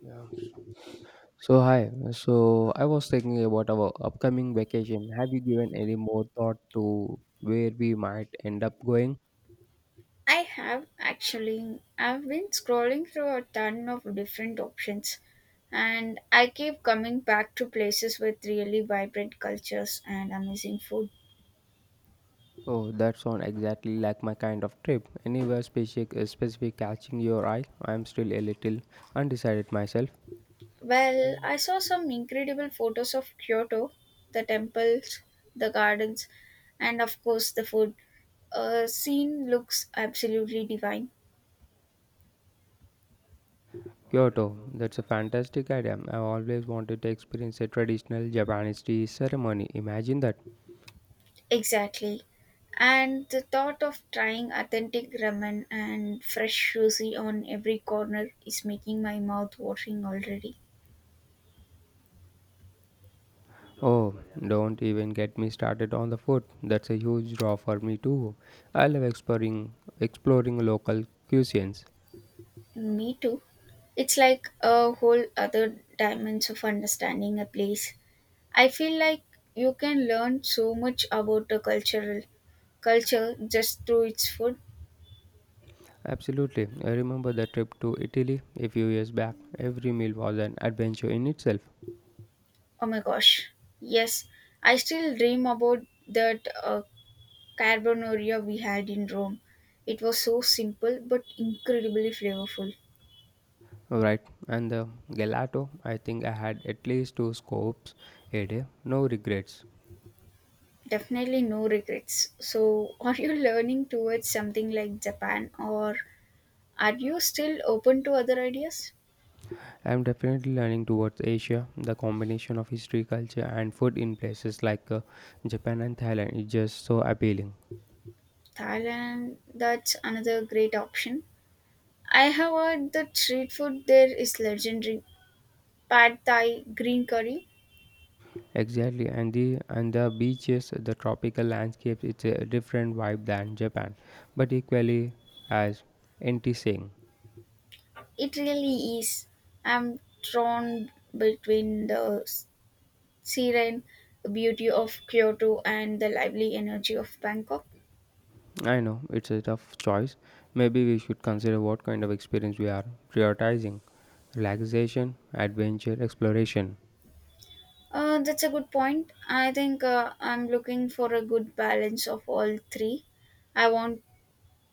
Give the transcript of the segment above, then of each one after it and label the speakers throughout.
Speaker 1: Yeah. So hi. So I was thinking about our upcoming vacation. Have you given any more thought to where we might end up going?
Speaker 2: I have actually. I've been scrolling through a ton of different options, and I keep coming back to places with really vibrant cultures and amazing food.
Speaker 1: Oh, that sounds exactly like my kind of trip. Anywhere specific, specific catching your eye? I'm still a little undecided myself.
Speaker 2: Well, I saw some incredible photos of Kyoto, the temples, the gardens, and of course the food. A scene looks absolutely divine.
Speaker 1: Kyoto, that's a fantastic idea. I've always wanted to experience a traditional Japanese tea ceremony. Imagine that.
Speaker 2: Exactly. And the thought of trying authentic ramen and fresh sushi on every corner is making my mouth watering already.
Speaker 1: Oh, don't even get me started on the food. That's a huge draw for me too. I love exploring local cuisines.
Speaker 2: Me too. It's like a whole other dimension of understanding a place. I feel like you can learn so much about the cultural culture just through its food.
Speaker 1: Absolutely. I remember the trip to Italy a few years back. Every meal was an adventure in itself.
Speaker 2: Oh my gosh. Yes, I still dream about that carbonaria we had in Rome. It was so simple but incredibly flavorful.
Speaker 1: Right. And the gelato, I think I had at least two scoops a day. No regrets.
Speaker 2: Definitely no regrets. So, are you learning towards something like Japan or are you still open to other ideas?
Speaker 1: I'm definitely learning towards Asia. The combination of history, culture, and food in places like Japan and Thailand is just so appealing.
Speaker 2: Thailand, that's another great option. I have heard that street food there is legendary. Pad Thai, green curry.
Speaker 1: Exactly, and the beaches, the tropical landscapes, it's a different vibe than Japan, but equally as enticing.
Speaker 2: It really is. I'm torn between the serene beauty of Kyoto and the lively energy of Bangkok.
Speaker 1: I know it's a tough choice. Maybe we should consider what kind of experience we are prioritizing: relaxation, adventure, exploration.
Speaker 2: That's a good point. I think I'm looking for a good balance of all three. I want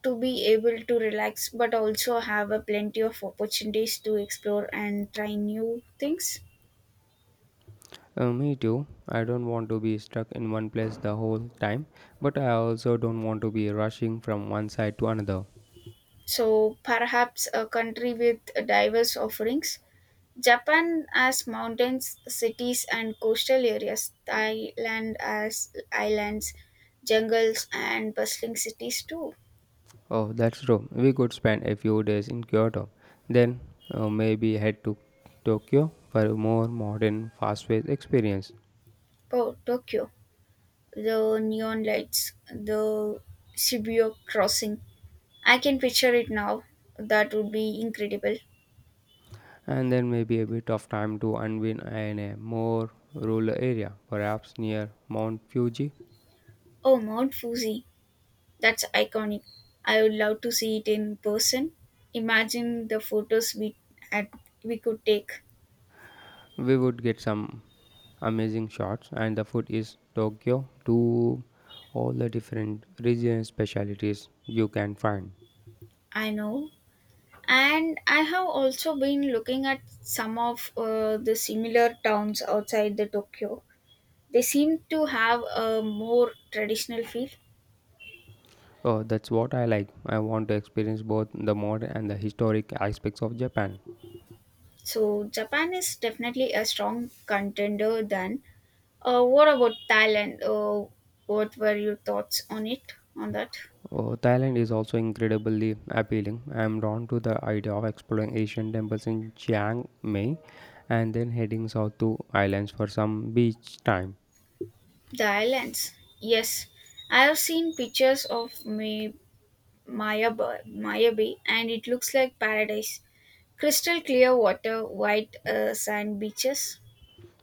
Speaker 2: to be able to relax but also have a plenty of opportunities to explore and try new things.
Speaker 1: Me too. I don't want to be stuck in one place the whole time, but I also don't want to be rushing from one side to another.
Speaker 2: So perhaps a country with diverse offerings. Japan has mountains, cities, and coastal areas. Thailand has islands, jungles, and bustling cities too.
Speaker 1: Oh, that's true. We could spend a few days in Kyoto, then maybe head to Tokyo for a more modern, fast-paced experience,
Speaker 2: Oh, Tokyo, the neon lights, the Shibuya crossing. I can picture it now. That would be incredible.
Speaker 1: and then maybe a bit of time to unwind in a more rural area, perhaps near Mount Fuji.
Speaker 2: Oh, Mount Fuji, that's iconic. I would love to see it in person. Imagine the photos had, we could take.
Speaker 1: We would get some amazing shots, and the food is Tokyo to all the different regional specialties you can find.
Speaker 2: I know, and I have also been looking at some of the similar towns outside the tokyo. They seem to have a more traditional feel.
Speaker 1: Oh, that's what I like. I want to experience both the modern and the historic aspects of Japan.
Speaker 2: So japan is definitely a strong contender then. What about thailand? What were your thoughts on that?
Speaker 1: Oh, Thailand is also incredibly appealing. I am drawn to the idea of exploring Asian temples in Chiang Mai and then heading south to islands for some beach time.
Speaker 2: The islands, yes, I have seen pictures of maya bay, and it looks like paradise. Crystal clear water, white sand beaches.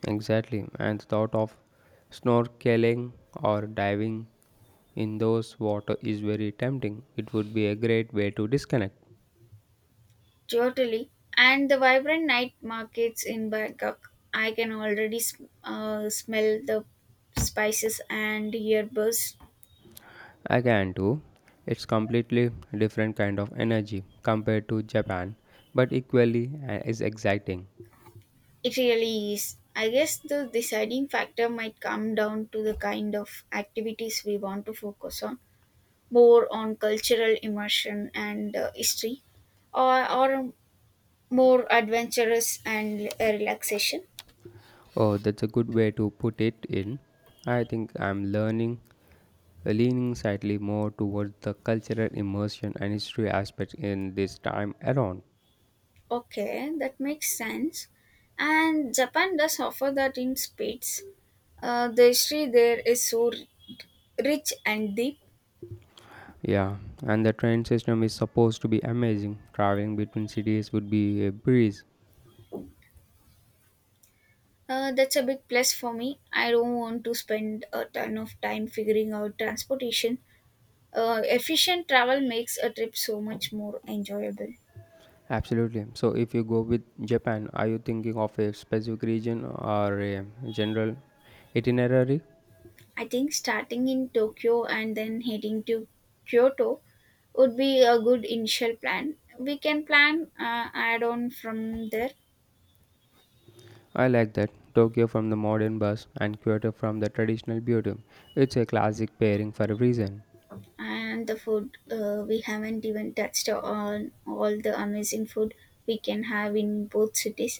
Speaker 1: Exactly, and the thought of snorkeling or diving in those water is very tempting. It would be a great way to disconnect.
Speaker 2: Totally. And the vibrant night markets in Bangkok. I can already smell the spices and hear buzz.
Speaker 1: I can too, it's completely different kind of energy compared to Japan, but equally is exciting.
Speaker 2: It really is. I guess the deciding factor might come down to the kind of activities we want to focus on, more on cultural immersion and history, or more adventurous and relaxation.
Speaker 1: Oh, that's a good way to put it in. I think leaning slightly more towards the cultural immersion and history aspect in this time around.
Speaker 2: Okay, that makes sense. And Japan does offer that in spades. The history there is so rich and deep.
Speaker 1: Yeah, and the train system is supposed to be amazing. Traveling between cities would be a breeze.
Speaker 2: That's a big plus for me. I don't want to spend a ton of time figuring out transportation. Efficient travel makes a trip so much more enjoyable.
Speaker 1: Absolutely. So, if you go with Japan, are you thinking of a specific region or a general itinerary?
Speaker 2: I think starting in Tokyo and then heading to Kyoto would be a good initial plan. We can plan add on from there.
Speaker 1: I like that. Tokyo from the modern bus and Kyoto from the traditional beauty. It's a classic pairing for a reason.
Speaker 2: And the food, we haven't even touched on all the amazing food we can have in both cities.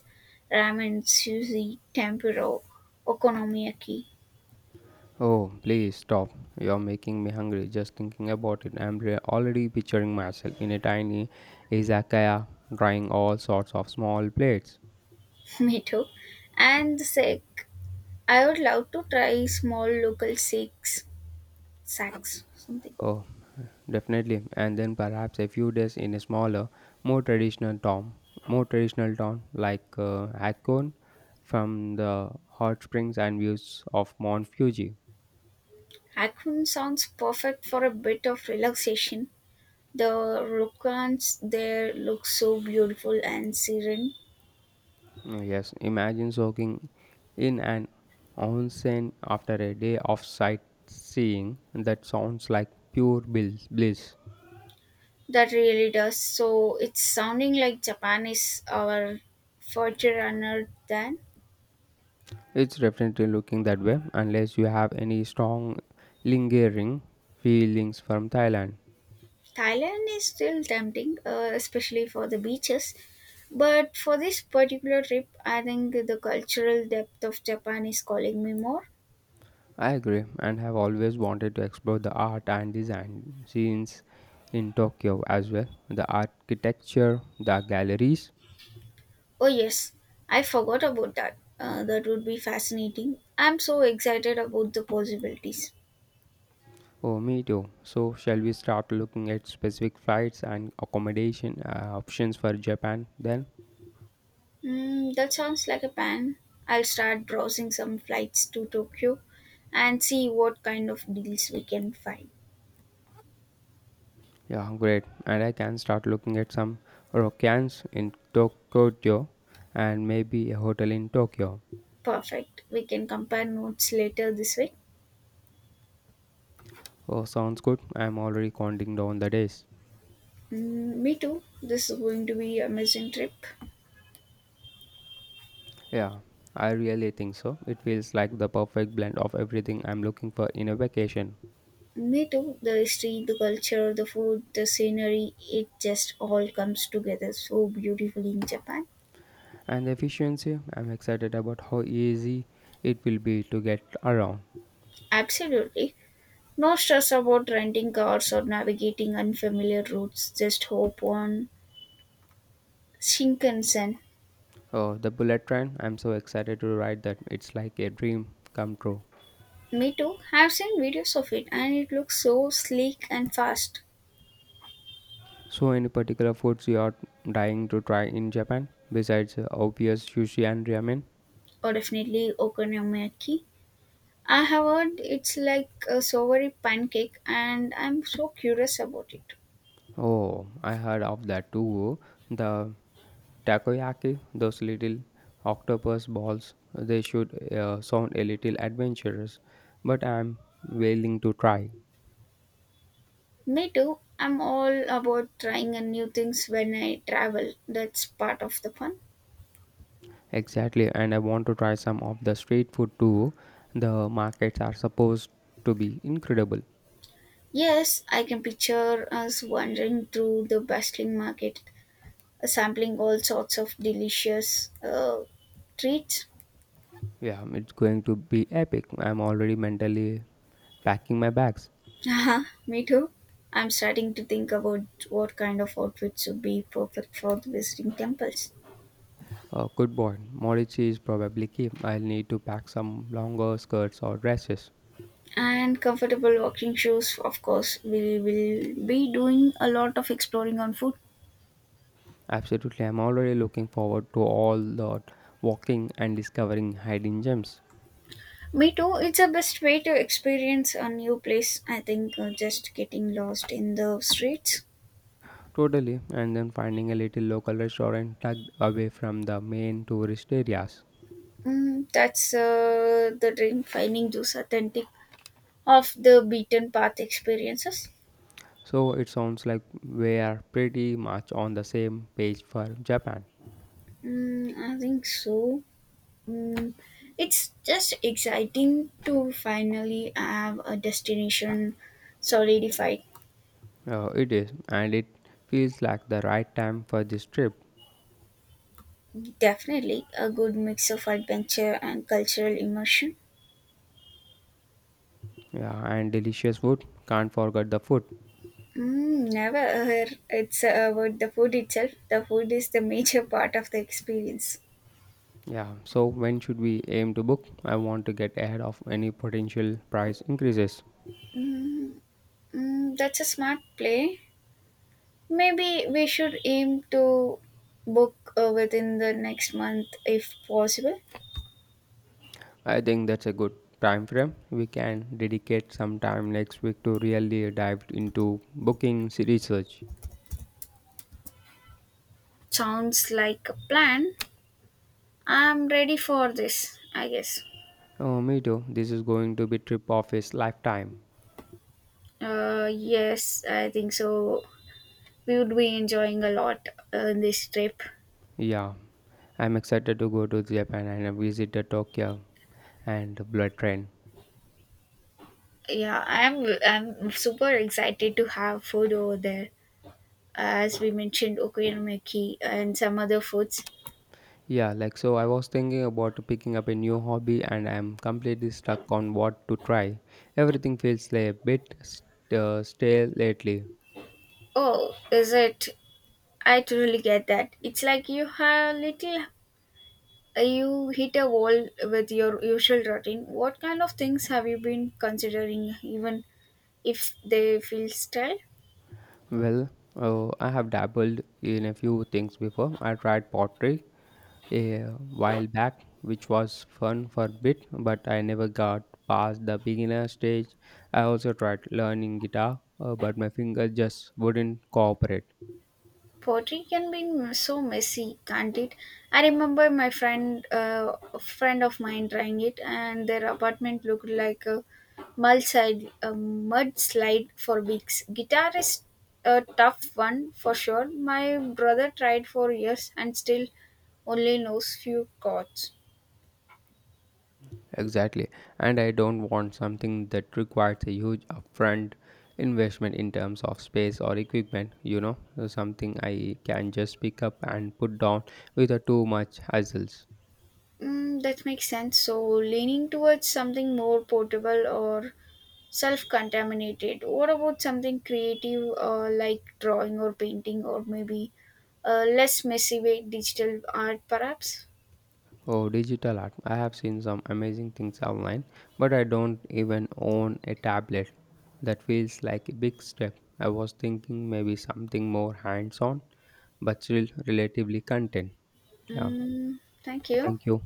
Speaker 2: Ramen, sushi, tempura, okonomiyaki.
Speaker 1: Oh, please stop. You're making me hungry just thinking about it. Already picturing myself in a tiny izakaya trying all sorts of small plates.
Speaker 2: Mito and the sek, I would love to try small local six sacks something.
Speaker 1: Oh, definitely. And then perhaps a few days in a smaller, more traditional town, more traditional town like Hakone from the hot springs and views of Mount Fuji.
Speaker 2: Hakun sounds perfect for a bit of relaxation. The rokans there look so beautiful and serene.
Speaker 1: Mm, yes, imagine soaking in an onsen after a day of sightseeing. That sounds like pure bliss.
Speaker 2: That really does. So it's sounding like Japan is our future runner then.
Speaker 1: It's definitely looking that way unless you have any strong lingering feelings from Thailand.
Speaker 2: Thailand is still tempting, especially for the beaches. But for this particular trip, I think the cultural depth of Japan is calling me more.
Speaker 1: I agree and have always wanted to explore the art and design scenes in Tokyo as well. The architecture, the galleries,
Speaker 2: Oh, yes, I forgot about that. That would be fascinating. I'm so excited about the possibilities.
Speaker 1: oh, me too. So, shall we start looking at specific flights and accommodation options for Japan then?
Speaker 2: Mm, that sounds like a plan. I'll start browsing some flights to Tokyo and see what kind of deals we can find.
Speaker 1: Yeah, great. And I can start looking at some ryokans in Tokyo and maybe a hotel in Tokyo.
Speaker 2: Perfect. We can compare notes later this week.
Speaker 1: Oh, sounds good. I'm already counting down the days.
Speaker 2: Mm, me too. This is going to be an amazing trip.
Speaker 1: Yeah, I really think so. It feels like the perfect blend of everything I'm looking for in a vacation.
Speaker 2: Me too. The history, the culture, the food, the scenery, it just all comes together so beautifully in Japan.
Speaker 1: And the efficiency, I'm excited about how easy it will be to get around.
Speaker 2: Absolutely. No stress about renting cars or navigating unfamiliar routes. Just hop on Shinkansen.
Speaker 1: Oh, the bullet train. I'm so excited to ride that. It's like a dream come true.
Speaker 2: Me too. I've seen videos of it and it looks so sleek and fast.
Speaker 1: So, any particular foods you are dying to try in Japan besides obvious sushi and ramen?
Speaker 2: Or definitely okonomiyaki. I have heard it's like a savory pancake and I'm so curious about it.
Speaker 1: Oh, I heard of that too. The takoyaki, those little octopus balls, they should sound a little adventurous, but I'm willing to try.
Speaker 2: Me too. I'm all about trying a new things when I travel. That's part of the fun.
Speaker 1: Exactly, and I want to try some of the street food too. The markets are supposed to be incredible.
Speaker 2: Yes, I can picture us wandering through the bustling market, sampling all sorts of delicious treats.
Speaker 1: Yeah, it's going to be epic. I'm already mentally packing my bags.
Speaker 2: Haha, me too. I'm starting to think about what kind of outfits would be perfect for the visiting temples.
Speaker 1: Good boy. Morichi is probably key. I'll need to pack some longer skirts or dresses.
Speaker 2: And comfortable walking shoes, of course. We will be doing a lot of exploring on foot.
Speaker 1: Absolutely, I'm already looking forward to all the walking and discovering hidden gems.
Speaker 2: Me too, it's the best way to experience a new place. I think just getting lost in the streets.
Speaker 1: Totally, and then finding a little local restaurant tucked away from the main tourist areas.
Speaker 2: Mm, that's the dream, finding those authentic, of the beaten path experiences.
Speaker 1: So it sounds like we are pretty much on the same page for Japan.
Speaker 2: Mm, I think so. Mm, it's just exciting to finally have a destination solidified.
Speaker 1: It is, and it feels like the right time for this trip.
Speaker 2: Definitely a good mix of adventure and cultural immersion.
Speaker 1: Yeah, and delicious food. Can't forget the food.
Speaker 2: Mm, never heard it's about the food itself. The food is the major part of the experience.
Speaker 1: Yeah, so when should we aim to book? I want to get ahead of any potential price increases.
Speaker 2: Mm, mm, that's a smart play. Maybe we should aim to book within the next month if possible.
Speaker 1: I think that's a good time frame. We can dedicate some time next week to really dive into booking research.
Speaker 2: Sounds like a plan. I'm ready for this, I guess.
Speaker 1: Oh, me too. This is going to be trip of his lifetime.
Speaker 2: Yes, I think so. We would be enjoying a lot this trip.
Speaker 1: Yeah, I'm excited to go to Japan and visit the Tokyo and the bullet train.
Speaker 2: Yeah, I'm super excited to have food over there. As we mentioned, okonomiyaki and some other foods.
Speaker 1: Yeah, like so I was thinking about picking up a new hobby and I'm completely stuck on what to try. Everything feels like a bit stale lately.
Speaker 2: Oh, is it? I totally get that. It's like you have little. You hit a wall with your usual routine. What kind of things have you been considering, even if they feel stale?
Speaker 1: Well, I have dabbled in a few things before. I tried pottery a while back, which was fun for a bit, but I never got past the beginner stage. I also tried learning guitar, but my fingers just wouldn't cooperate.
Speaker 2: Pottery can be so messy, can't it? I remember a friend of mine, trying it, and their apartment looked like a mudslide for weeks. Guitar is a tough one for sure. My brother tried for years and still only knows few chords.
Speaker 1: Exactly. And I don't want something that requires a huge upfront investment in terms of space or equipment, you know, something I can just pick up and put down without too much hassles.
Speaker 2: Mm, that makes sense. So leaning towards something more portable or self contaminated. What about something creative like drawing or painting, or maybe less messy way digital art perhaps?
Speaker 1: Oh, digital art. I have seen some amazing things online, but I don't even own a tablet. That feels like a big step. I was thinking maybe something more hands on, but still relatively content. Yeah.
Speaker 2: Mm, thank you.
Speaker 1: Thank you.